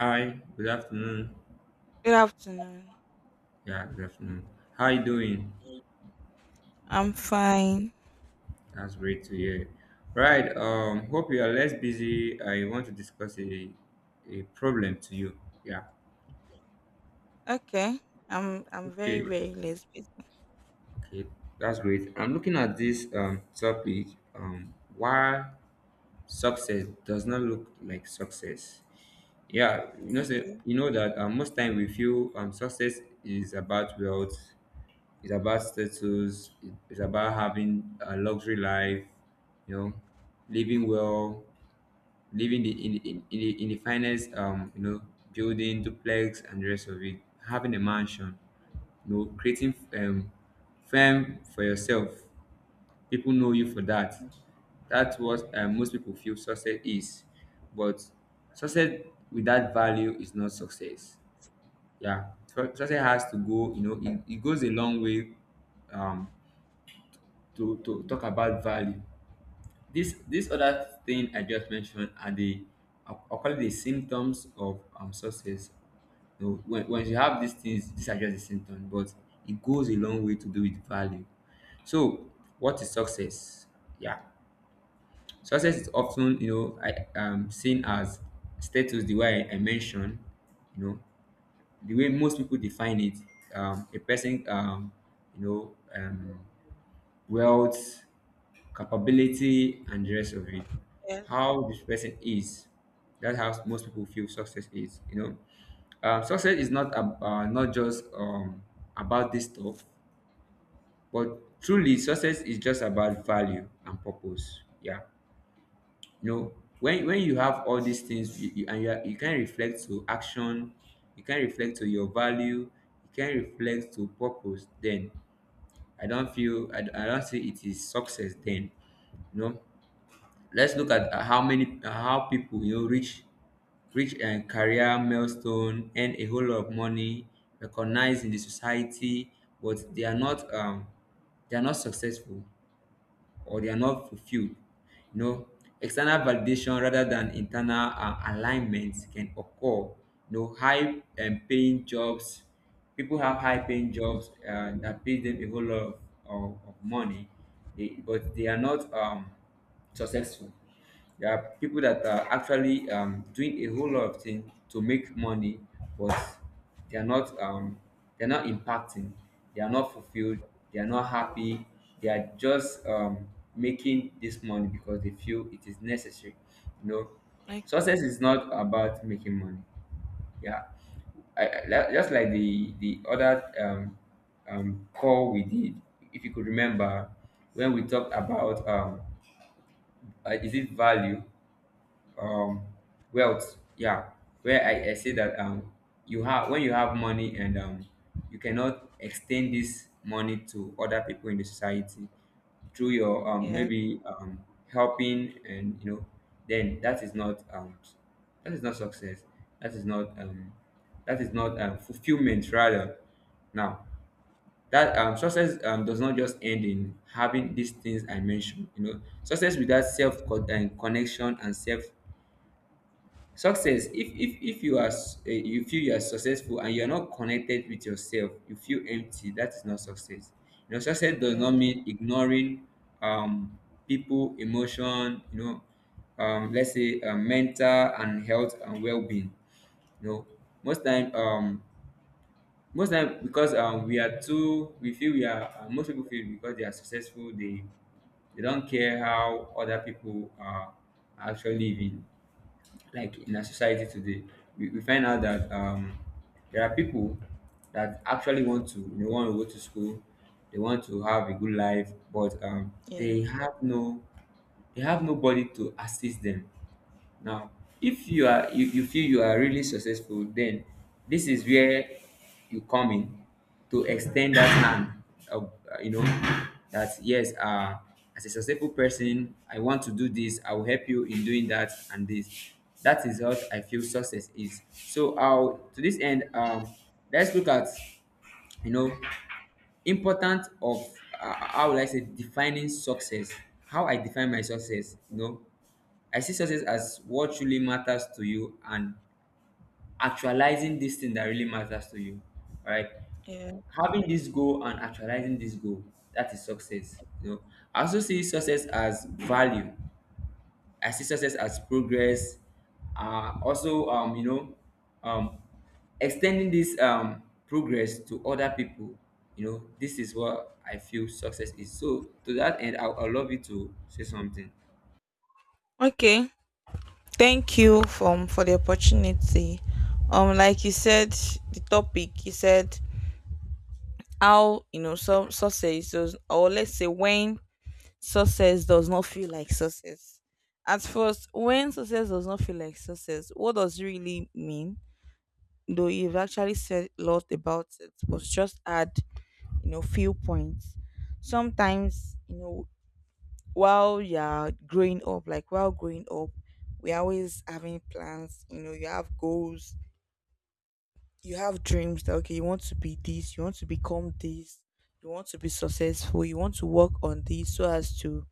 Hi, good afternoon. Good afternoon. Yeah, good afternoon. How you doing? I'm fine. That's great to hear. Right, hope you are less busy. I want to discuss a problem to you. Yeah. Okay. I'm very, Okay. very less busy. Okay, that's great. I'm looking at this topic. Why success does not look like success. Yeah, say, Okay. you know that most time we feel success is about wealth. It's about status. It's about having a luxury life. You know, living well, living the, in the finest, you know, building duplex and the rest of it. Having a mansion. You know, creating fame for yourself. People know you for that. That's what most people feel success is. But success without value is not success. Yeah, success has to go. You know, it goes a long way, um, to talk about value. This other thing I just mentioned are the I'll call it the symptoms of success. You know, when you have these things, these are just the symptoms, but it goes a long way to do with value. So, what is success? Yeah, success is often, I seen as status the way I mentioned. You know, the way most people define it, a person, you know um wealth, capability, and the rest of it. Yes. How this person is, that's how most people feel success is. You know, success is not just, about this stuff, but truly, success is just about value and purpose. Yeah, you know, when you have all these things, you, are, you can reflect to action, you can reflect to your value, you can reflect to purpose. Then I don't feel I don't see it is success then. You know, let's look at how people, you know, reach a career milestone, earn a whole lot of money, recognized in the society, but they are not successful or they are not fulfilled. You know, external validation rather than internal alignment can occur. You know, high paying jobs, people have high paying jobs that pays them a whole lot of money, but they are not successful. There are people that are actually, doing a whole lot of things to make money, but they are not they're not impacting, they are not fulfilled, they are not happy, they are just making this money because they feel it is necessary, you know. Success Okay. is not about making money. Yeah, just like the other call we did, if you could remember, when we talked about is it value, um wealth. Yeah, where I say that, you have when you have money and you cannot extend this money to other people in the society through your Yeah. maybe helping and you know, then that is not success, that is not um that is not fulfillment rather. Now, that success does not just end in having these things I mentioned. You know, success without self co- and connection and self, success, if you are you feel you are successful and you are not connected with yourself, you feel empty, that is not success. You know, success does not Yeah. mean ignoring um people emotion, you know, let's say mental and health and well-being. You know, most time um most time, because we feel we are, most people feel because they are successful, they don't care how other people are actually living. Like in our society today, we find out that, there are people that actually want to they want to go to school, they want to have a good life, but, Yeah. they have no, they have nobody to assist them. Now, if you are you, you feel you are really successful, then this is where you come in to extend that hand of, you know, that yes, as a successful person, I want to do this, I will help you in doing that and this. That is what I feel success is. So I'll, to this end, let's look at, you know, important of, how will I say defining success. How I define my success, you know. I see success as what truly matters to you and actualizing this thing that really matters to you. All right. Yeah. Having this goal and actualizing this goal, that is success. You know, I also see success as value. I see success as progress. Also, um, extending this, progress to other people. You know, this is what I feel success is. So, to that end, I would love you to say something. Okay. Thank you for the opportunity. Like you said, the topic you said how, you know, some success does, or let's say, when success does not feel like success. At first, when success does not feel like success, what does it really mean? Though you've actually said a lot about it, but just add, you know, few points. Sometimes, you know, while you're growing up, like while growing up, we're always having plans. You know, you have goals, you have dreams that, okay, you want to be this, you want to become this, you want to be successful, you want to work on this so as to,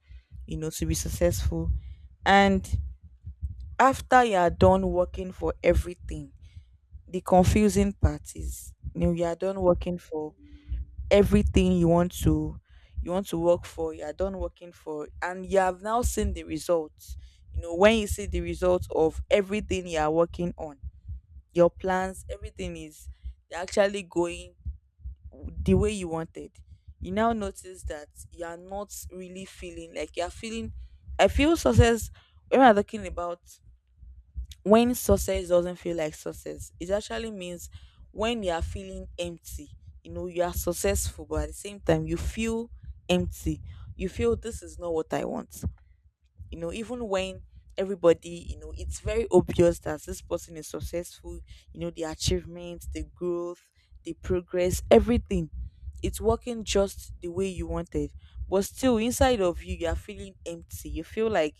you know, to be successful. And after you are done working for everything, the confusing part is, you know, you are done working for everything you want to, you want to work for, you're done working for, and you have now seen the results. You know, when you see the results of everything you are working on, your plans, everything is, they're actually going the way you wanted, you now notice that you are not really feeling like you're feeling, I feel success. When I'm talking about when success doesn't feel like success, it actually means when you are feeling empty. You know, you are successful, but at the same time, you feel empty. You feel this is not what I want. You know, even when everybody, you know, it's very obvious that this person is successful, you know, the achievements, the growth, the progress, everything. It's working just the way you wanted. But still, inside of you, you are feeling empty. You feel like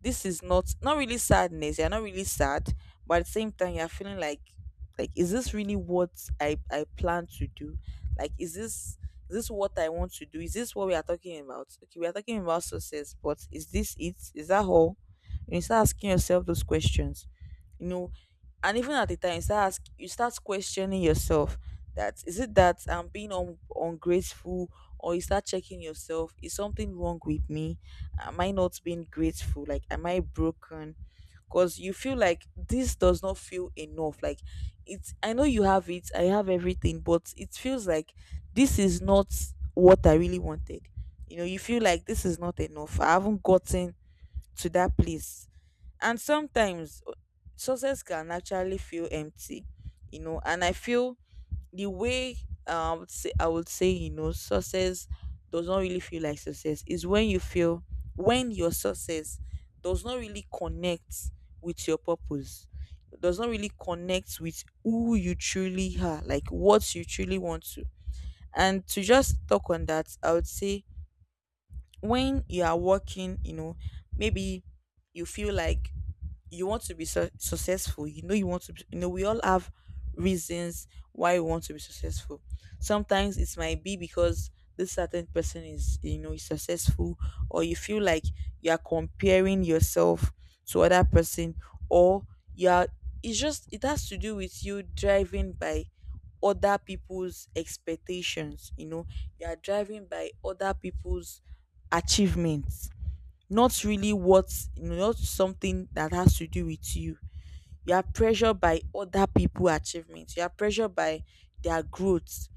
this is not, not really sadness, you're not really sad, but at the same time you're feeling like is this really what I plan to do? Like is this, is this what I want to do? Is this what we are talking about? Okay, we are talking about success, but is this it? Is that all? You start asking yourself those questions, you know. And even at the time you start ask, you start questioning yourself, that is it that I'm being un- ungrateful, or you start checking yourself, is something wrong with me? Am I not being grateful? Like, am I broken? Because you feel like this does not feel enough. Like, it's, I know you have it, I have everything, but it feels like this is not what I really wanted. You know, you feel like this is not enough, I haven't gotten to that place. And sometimes success can actually feel empty, you know. And I feel the way, I would say, you know, success does not really feel like success is when you feel, when your success does not really connect with your purpose, does not really connect with who you truly are, like what you truly want to. And to just talk on that, I would say when you are working, you know, maybe you feel like you want to be successful. You know, you want to, be, you know, we all have reasons why we want to be successful. Sometimes it might be because this certain person is, you know, is successful, or you feel like you are comparing yourself to other person, or you are. It's just, it has to do with you driving by other people's expectations. You know, you are driving by other people's achievements, not really what, not something that has to do with you. You are pressured by other people achievements. You are pressured by their growth.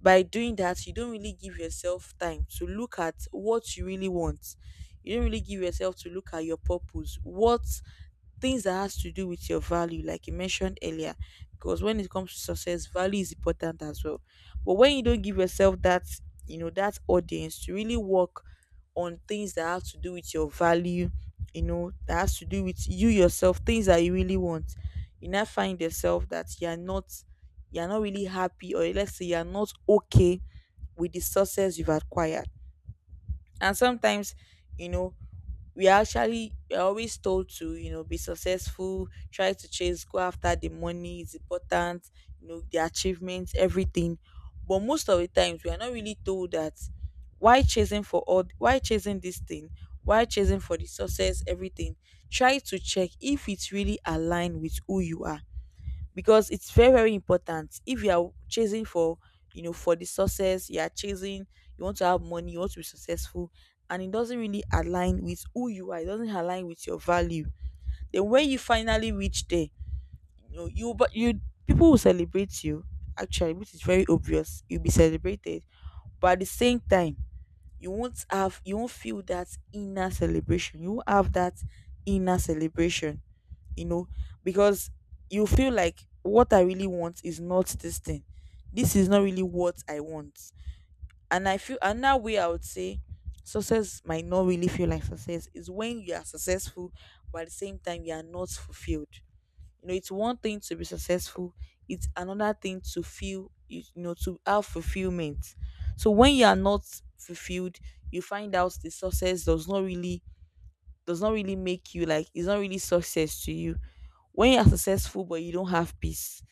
By doing that, you don't really give yourself time to look at what you really want. You don't really give yourself to look at your purpose, what things that has to do with your value, like you mentioned earlier. Because when it comes to success, value is important as well. But when you don't give yourself that, you know, that audience to really work on things that have to do with your value, you know, that has to do with you yourself, things that you really want, you now find yourself that you are not, you're not really happy, or let's say you're not okay with the success you've acquired. And sometimes, you know, we are actually, we're always told to, you know, be successful, try to chase, go after the money, it's important, you know, the achievements, everything. But most of the times we are not really told that why chasing for all, why chasing this thing, why chasing for the success, everything. Try to check if it's really aligned with who you are. Because it's very, very important, if you are chasing for, you know, for the success you are chasing, you want to have money, you want to be successful, and it doesn't really align with who you are, it doesn't align with your value, then when you finally reach there, you know, you, but you, people will celebrate you, actually, which is very obvious, you'll be celebrated. But at the same time, you won't have, you won't feel that inner celebration, you won't have that inner celebration, you know, because you feel like what I really want is not this thing. This is not really what I want. And I feel another way I would say success might not really feel like success is when you are successful, but at the same time you are not fulfilled. You know, it's one thing to be successful, it's another thing to feel you, you know, to have fulfillment. So when you are not fulfilled, you find out the success does not really, does not really make you like, it's not really success to you. When you are successful but you don't have peace,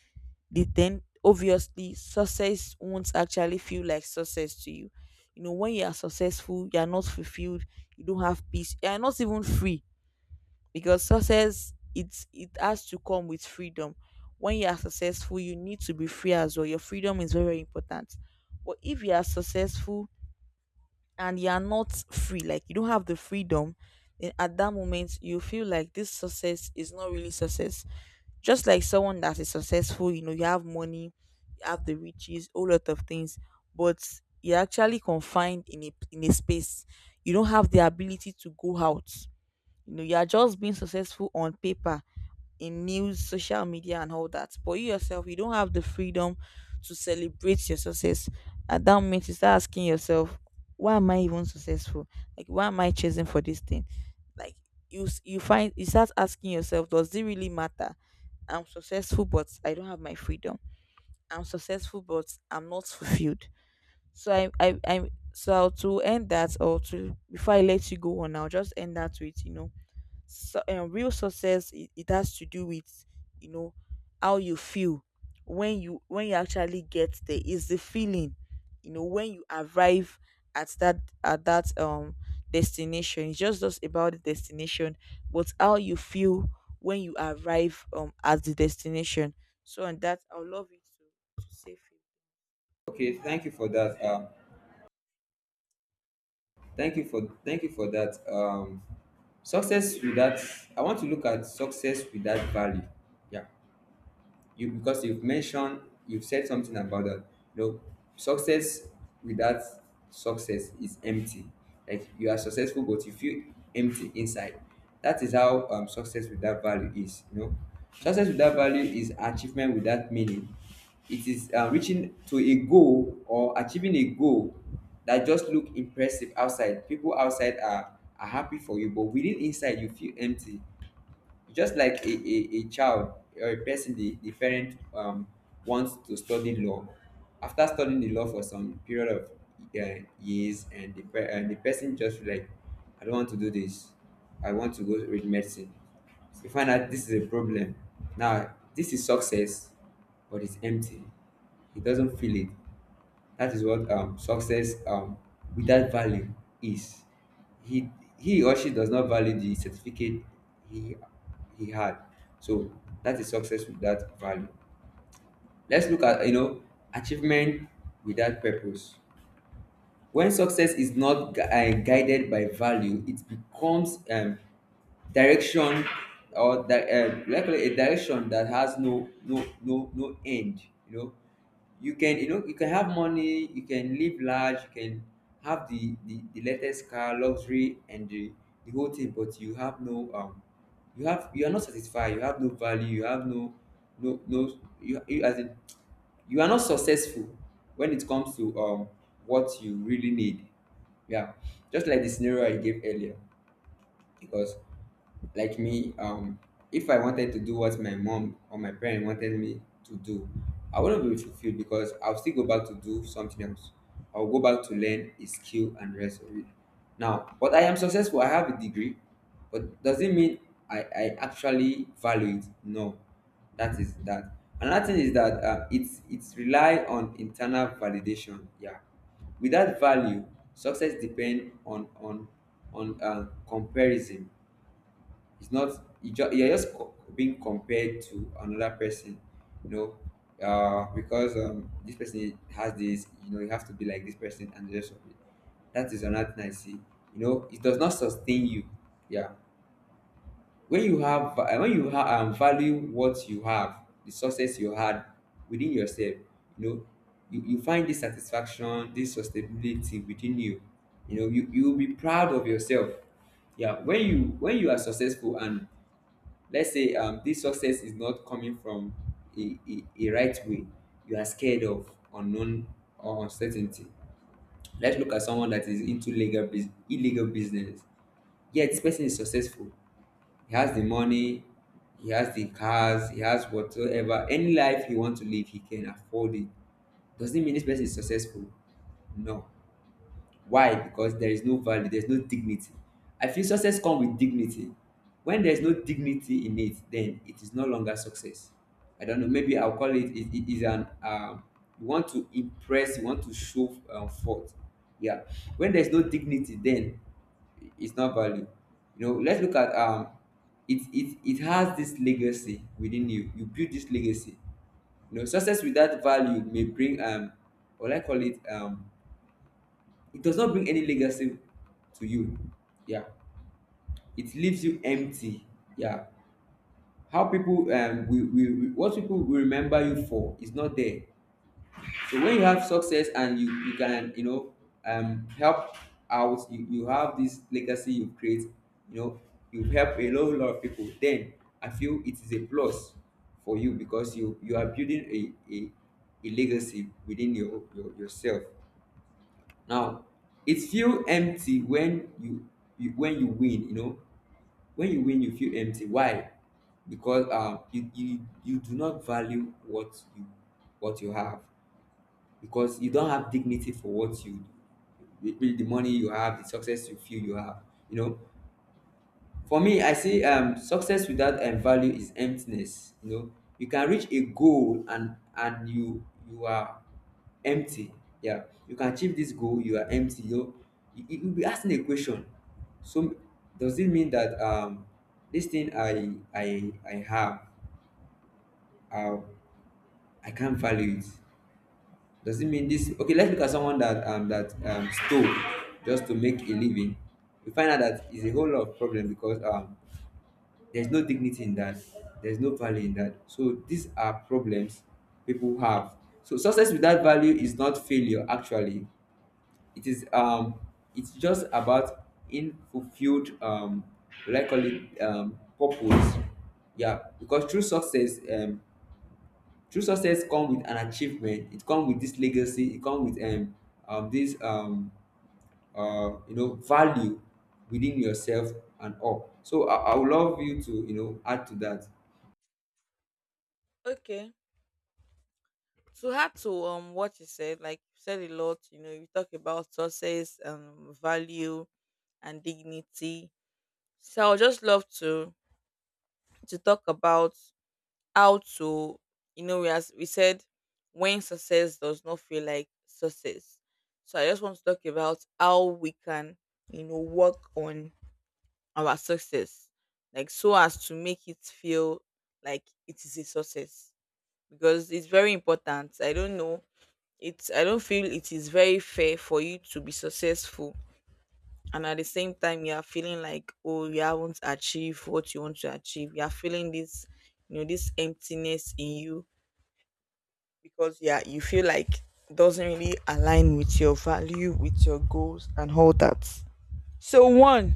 then obviously success won't actually feel like success to you. You know, when you are successful, you are not fulfilled, you don't have peace, you are not even free, because success, it's, it has to come with freedom. When you are successful, you need to be free as well. Your freedom is very, very important. But if you are successful and you are not free, like you don't have the freedom, then at that moment you feel like this success is not really success. Just like someone that is successful, you know, you have money, you have the riches, whole lot of things, but you're actually confined in a, in a space. You don't have the ability to go out. You know, you are just being successful on paper, in news, social media, and all that. But you yourself, you don't have the freedom to celebrate your success. At that moment, you start asking yourself, why am I even successful? Like, why am I chasing for this thing? Like, you s- you find, you start asking yourself, does it really matter? I'm successful, but I don't have my freedom. I'm successful, but I'm not fulfilled. So I, so to end that, or to, before I let you go on, I'll just end that with, you know, so, real success, it has to do with, you know, how you feel, when you, when you actually get there, is the feeling. You know, when you arrive at that, at that destination, it's just about the destination, but how you feel when you arrive at the destination. So, and that, I would love you to say few. Okay, thank you for that. Thank you for that. Success without, I want to look at success without value. Yeah, you, because you've mentioned, you've said something about that, you know, success without, success is empty, like you are successful but you feel empty inside. That is how, success without value is. You know, success without value is achievement without meaning. It is, reaching to a goal or achieving a goal that just look impressive outside, people outside are happy for you, but within, inside you feel empty. Just like a child or a person, the parent, wants to study law. After studying the law for some period of, years, and the person just feel like, I don't want to do this, I want to go read medicine. You find out this is a problem. Now, this is success, but it's empty, he doesn't feel it. That is what success, without value is. He he or she does not value the certificate he he had. So that is success without value. Let's look at, you know, achievement without purpose. When success is not guided by value, it becomes, direction, or like a direction that has no end. You know, you know, you can have money, you can live large, you can have the latest car, luxury and the whole thing, but you have no you have, you are not satisfied, you have no value, you have no no no you, you as in, you are not successful when it comes to, what you really need. Yeah, just like the scenario I gave earlier. Because like me, if I wanted to do what my mom or my parent wanted me to do, I wouldn't be fulfilled because I'll still go back to do something else. I'll go back to learn a skill and rest of it. Now, but I am successful. I have a degree, but does it mean I actually value it? No, that is that. Another thing is that, it's rely on internal validation. Yeah, without value, success depend on, comparison. It's not you, just, being compared to another person, you know, because this person has this, you know, you have to be like this person and the rest of it. That is another thing I see. You know, it does not sustain you. Yeah, when you have when you have, value what you have, the success you had within yourself, you know, you find this satisfaction, this sustainability within you. You know, you will be proud of yourself. Yeah, when you, when you are successful and let's say, this success is not coming from a right way, you are scared of unknown or uncertainty. Let's look at someone that is into illegal business, yet this person is successful. He has the money, he has the cars, he has whatsoever, any life he wants to live he can afford it. Does it mean this person is successful? No. Why? Because there is no value, there's no dignity. I feel success comes with dignity. When there's no dignity in it, then it is no longer success. I don't know. Maybe I'll call it. It is an, you want to impress, you want to show, forth. Yeah. When there's no dignity, then it's not value. You know. Let's look at, it has this legacy within you. You build this legacy. You know, success without value may bring, what I call it it does not bring any legacy to you. Yeah, it leaves you empty. Yeah, how people, we, what people will remember you for is not there. So when you have success and you can, you know, help out, you have this legacy you create. You know, you help a whole lot of people. Then I feel it is a plus for you because you are building a a, a legacy within your yourself. Now it feel empty when you, when you win, you know, when you win, you feel empty. Why? Because you do not value what you, what you have, because you don't have dignity for what you, the money you have, the success you feel you have, you know. For me, I see success without value is emptiness. You know, you can reach a goal, and you, you are empty. Yeah, you can achieve this goal, you are empty. You know, you will be asking a question. So does it mean that this thing I have, uh, I can't value it? Does it mean this? Okay, let's look at someone that that stole just to make a living. We find out that is a whole lot of problem, because there's no dignity in that. There's no value in that. So these are problems people have. So success without value is not failure. Actually, it is it's just about unfulfilled likely, purpose. Yeah, because true success, true success come with an achievement. It come with this legacy. It come with this you know, value within yourself and all. So I would love you to, you know, add to that. Okay, to add to what you said, like you said a lot, you know, you talk about success and value and dignity. So I would just love to talk about how to, you know, we, as we said, when success does not feel like success. So I just want to talk about how we can, you know, work on our success, like so as to make it feel like it is a success, because it's very important. I don't know, it's, I don't feel it is very fair for you to be successful and at the same time you are feeling like, oh, you haven't achieved what you want to achieve. You are feeling this, you know, this emptiness in you. Because yeah, you feel like it doesn't really align with your value, with your goals and all that. So one,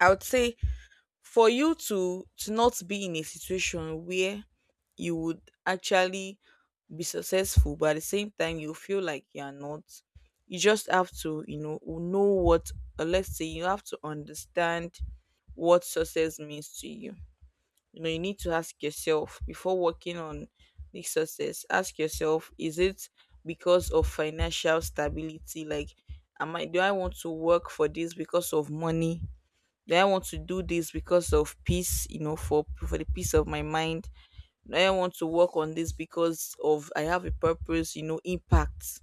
I would say for you to not be in a situation where you would actually be successful, but at the same time you feel like you're not. You just have to, know what, or let's say you have to understand what success means to you. You know, you need to ask yourself before working on the success, ask yourself is it because of financial stability. Like am I do I want to work for this because of money? Do I want to do this because of peace, for the peace of my mind? Do I want to work on this because of I have a purpose, impact?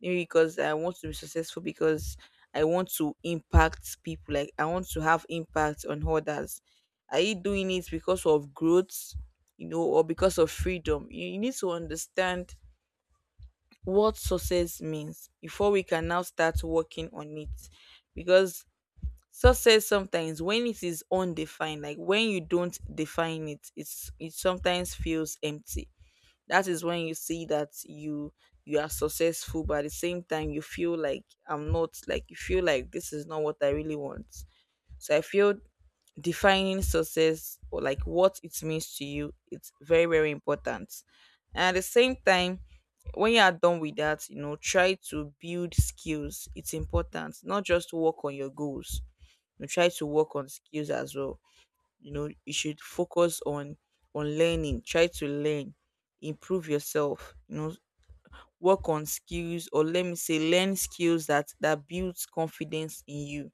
Maybe because I want to be successful because I want to impact people, like I want to have impact on others. Are you doing it because of growth, or because of freedom? You need to understand what success means before we can now start working on it, because success sometimes, when it is undefined, like when you don't define it, it sometimes feels empty. That is when you see that you are successful, but at the same time you feel like I'm not, like you feel like this is not what I really want. So I feel defining success, or like what it means to you, it's very very important. And at the same time, when you are done with that, try to build skills. It's important, not just work on your goals, try to work on skills as well. You know, you should focus on learning, try to learn, improve yourself. You know, work on skills, or let me say learn skills that builds confidence in you,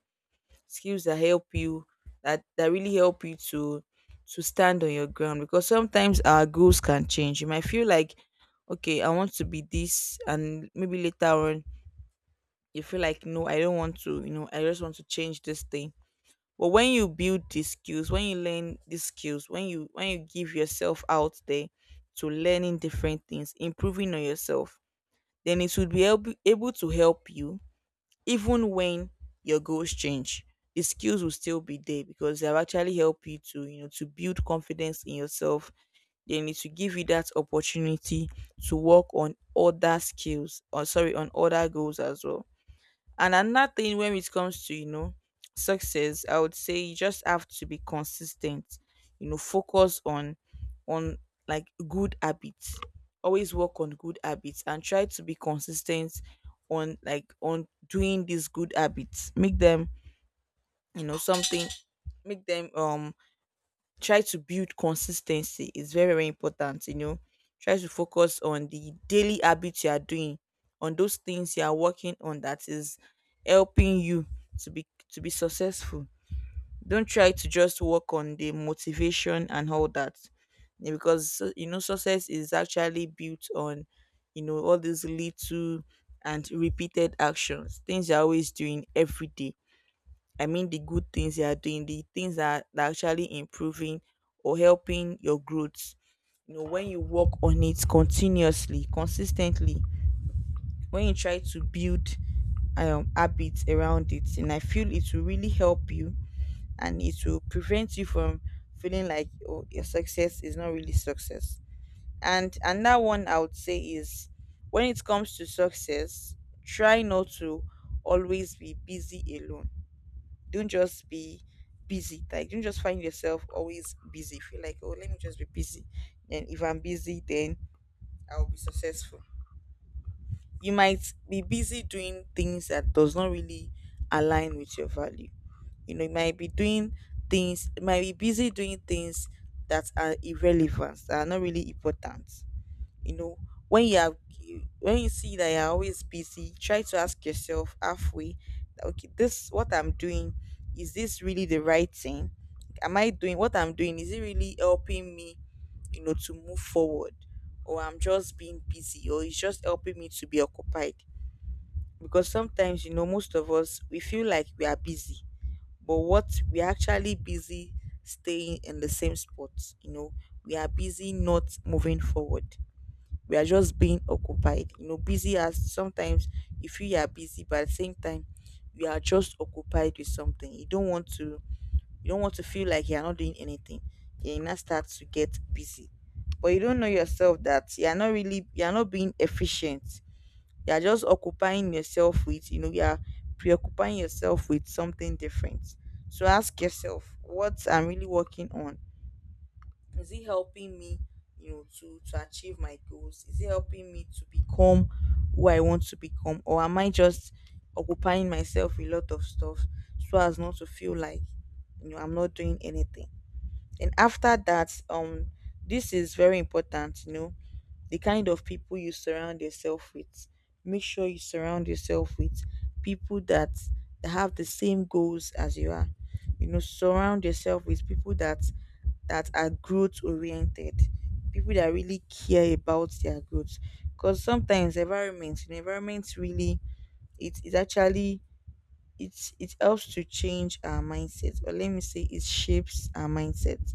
skills that help you, that really help you to stand on your ground, because sometimes our goals can change. You might feel like okay, I want to be this, and maybe later on you feel like no, I don't want to, I just want to change this thing. But when you build these skills, when you learn these skills, when you give yourself out there to learning different things, improving on yourself, then it would be able to help you even when your goals change. The skills will still be there, because they'll actually help you to, to build confidence in yourself. They need to give you that opportunity to work on other skills, or sorry, on other goals as well. And another thing when it comes to, success, I would say you just have to be consistent. You know, focus on on like good habits. Always work on good habits and try to be consistent on like on doing these good habits. Make them, something, make them, try to build consistency. It's very very important. You know, try to focus on the daily habits you are doing, on those things you are working on that is helping you to be successful. Don't try to just work on the motivation and all that. Yeah, because you know success is actually built on, you know, all these little and repeated actions, things you're always doing every day. I mean the good things you are doing, the things that, are actually improving or helping your growth. You know, when you work on it continuously, consistently, when you try to build habits around it, and I feel it will really help you, and it will prevent you from feeling like oh, your success is not really success. And another one I would say is when it comes to success, try not to always be busy alone. Don't just be busy. Like don't just find yourself always busy. Feel like, oh, let me just be busy. And if I'm busy, then I'll be successful. You might be busy doing things that does not really align with your value. You know, you might be doing things, you might be busy doing things that are irrelevant, that are not really important. You know, when you are, when you see that you're always busy, try to ask yourself halfway that, okay this what I'm doing, is this really the right thing? Am I doing, what I'm doing, is it really helping me, you know, to move forward, or I'm just being busy, or it's just helping me to be occupied? Because sometimes, you know, most of us we feel like we are busy, but what we're actually busy, staying in the same spot, you know, we are busy not moving forward, we are just being occupied, you know, busy as sometimes you feel you are busy but at the same time you are just occupied with something. You don't want to, you don't want to feel like you are not doing anything, you now start to get busy, but you don't know yourself that you are not really, you are not being efficient, you are just occupying yourself with, you know, you are preoccupying yourself with something different. So ask yourself what I'm really working on, is it helping me, you know, to achieve my goals, is it helping me to become who I want to become, or am I just occupying myself with a lot of stuff so as not to feel like, you know, I'm not doing anything. And after that, this is very important, you know, the kind of people you surround yourself with. Make sure you surround yourself with people that, have the same goals as you are. You know, surround yourself with people that are growth oriented, people that really care about their growth. Because sometimes environments, you know, environment really, it is actually, it helps to change our mindset, or let me say it shapes our mindset.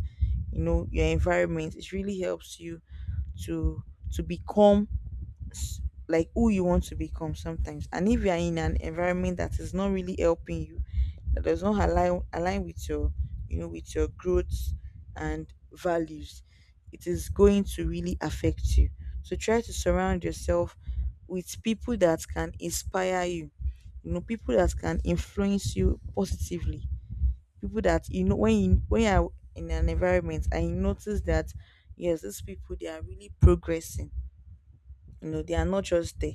You know, your environment, it really helps you to become s- like who you want to become sometimes. And if you are in an environment that is not really helping you, that does not align with your, you know, with your growth and values, it is going to really affect you. So try to surround yourself with people that can inspire you, you know, people that can influence you positively, people that, you know, when you are in an environment and you notice that yes, these people they are really progressing, you know, they are not just there.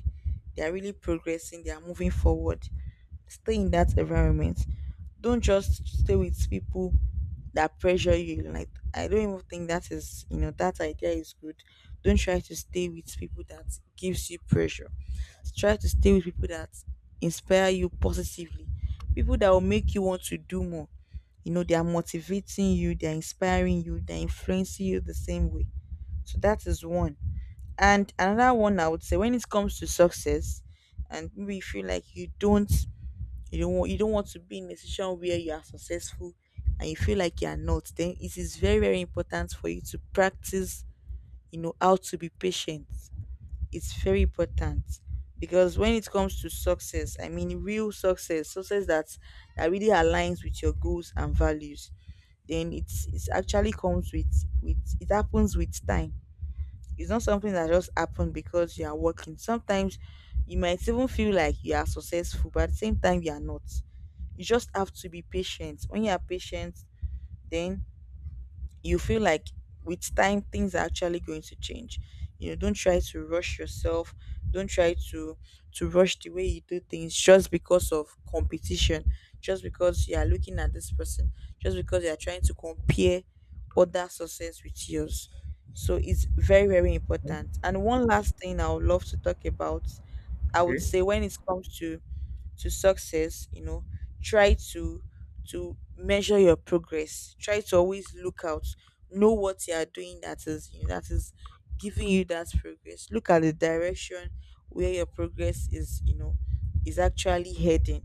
They are really progressing. They are moving forward. Stay in that environment. Don't just stay with people that pressure you. Like I don't even think that is, you know, that idea is good. Don't try to stay with people that gives you pressure. Try to stay with people that inspire you positively. People that will make you want to do more. You know, they are motivating you, they are inspiring you, they are influencing you the same way. So that is one, and another one I would say when it comes to success, and maybe you feel like you don't want to be in a situation where you are successful, and you feel like you are not, then it is very very important for you to practice, you know, how to be patient. It's very important, because when it comes to success, I mean real success, success that really aligns with your goals and values, then it's actually comes with it happens with time. It's not something that just happened because you are working. Sometimes you might even feel like you are successful, but at the same time, you are not. You just have to be patient. When you are patient, then you feel like with time things are actually going to change. You know, don't try to rush yourself, don't try to rush the way you do things just because of competition, just because you are looking at this person, just because you are trying to compare other success with yours. So it's very very important. And one last thing I would love to talk about, I would say when it comes to success, you know, try to measure your progress, try to always look out, know what you are doing, that is you that is giving you that progress. Look at the direction where your progress is, you know, is actually heading.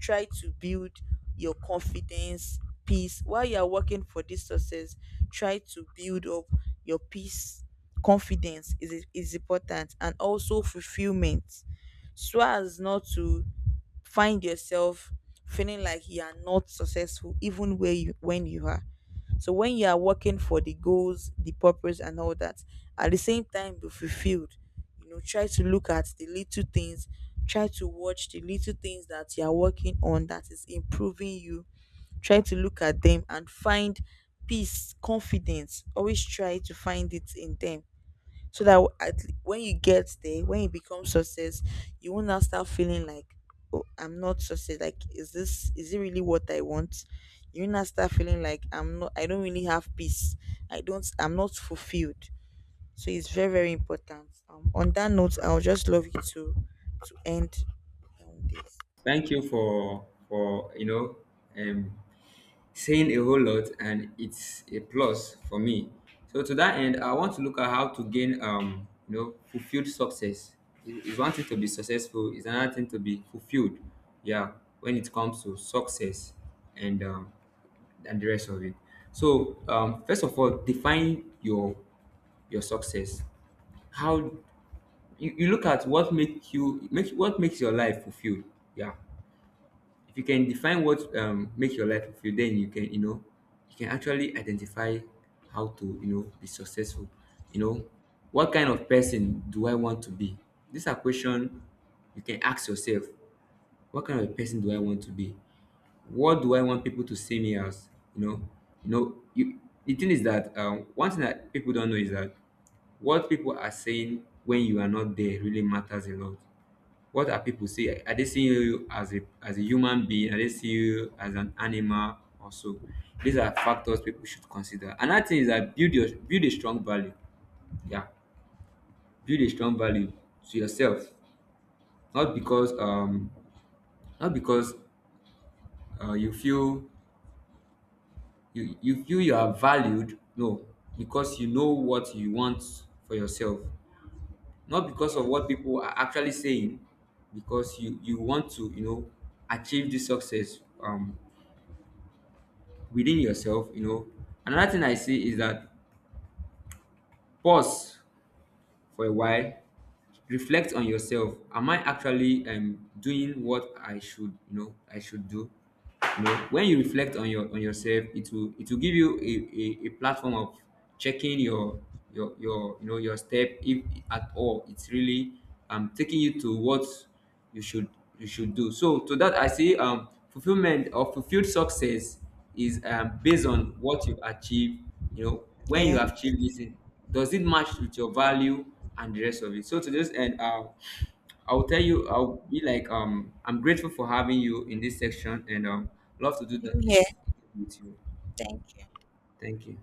Try to build your confidence, peace, while you are working for this success. Try to build up your peace. Confidence is important, and also fulfillment, so as not to find yourself feeling like you are not successful even where you when you are. So when you are working for the goals, the purpose, and all that, at the same time be fulfilled. You know, try to look at the little things, try to watch the little things that you are working on that is improving you. Try to look at them and find peace, confidence, always try to find it in them. So that when you get there, when you become success, you won't now start feeling like, oh, I'm not success. Like, is it really what I want? You won't start feeling like I'm not. I don't really have peace. I don't. I'm not fulfilled. So it's very very important. On that note, I'll just love you to end this. Thank you for you know, um, saying a whole lot, and it's a plus for me. So to that end, I want to look at how to gain, you know, fulfilled success. It- It's one thing to be successful; it's another thing to be fulfilled. Yeah, when it comes to success and, and the rest of it. So, first of all, define your success. How you look at what make you make, what makes your life fulfilled. Yeah, if you can define what, makes your life fulfilled, then you can, you know, you can actually identify how to, you know, be successful. You know, what kind of person do I want to be? These are questions you can ask yourself. What kind of a person do I want to be? What do I want people to see me as? You know, you, the thing is that, one thing that people don't know is that what people are saying when you are not there really matters a lot. What are people see? Are they seeing you as a human being? Are they seeing you as an animal or so? These are factors people should consider. Another thing is that build your, build a strong value. Yeah, build a strong value to yourself. Not because not because, you feel, you feel you are valued. No, because you know what you want for yourself. Not because of what Yes. people are actually saying, because you want to, you know, achieve this success within yourself. You know, another thing I see is that, pause for a while, reflect on yourself. Am I actually, doing what I should, you know, I should do? You know, when you reflect on your, on yourself, it will, it will give you a platform of checking your, your, you know, your step, if at all it's really, taking you to what you should, you should do. So to that, I see, fulfillment or fulfilled success is, based on what you've achieved. You know, when you Yeah, have same achieved this thing, does it match with your value and the rest of it? So to this end, I'll tell you, I'll be like, I'm grateful for having you in this section, and love to do that here. is with you. Thank Thank you.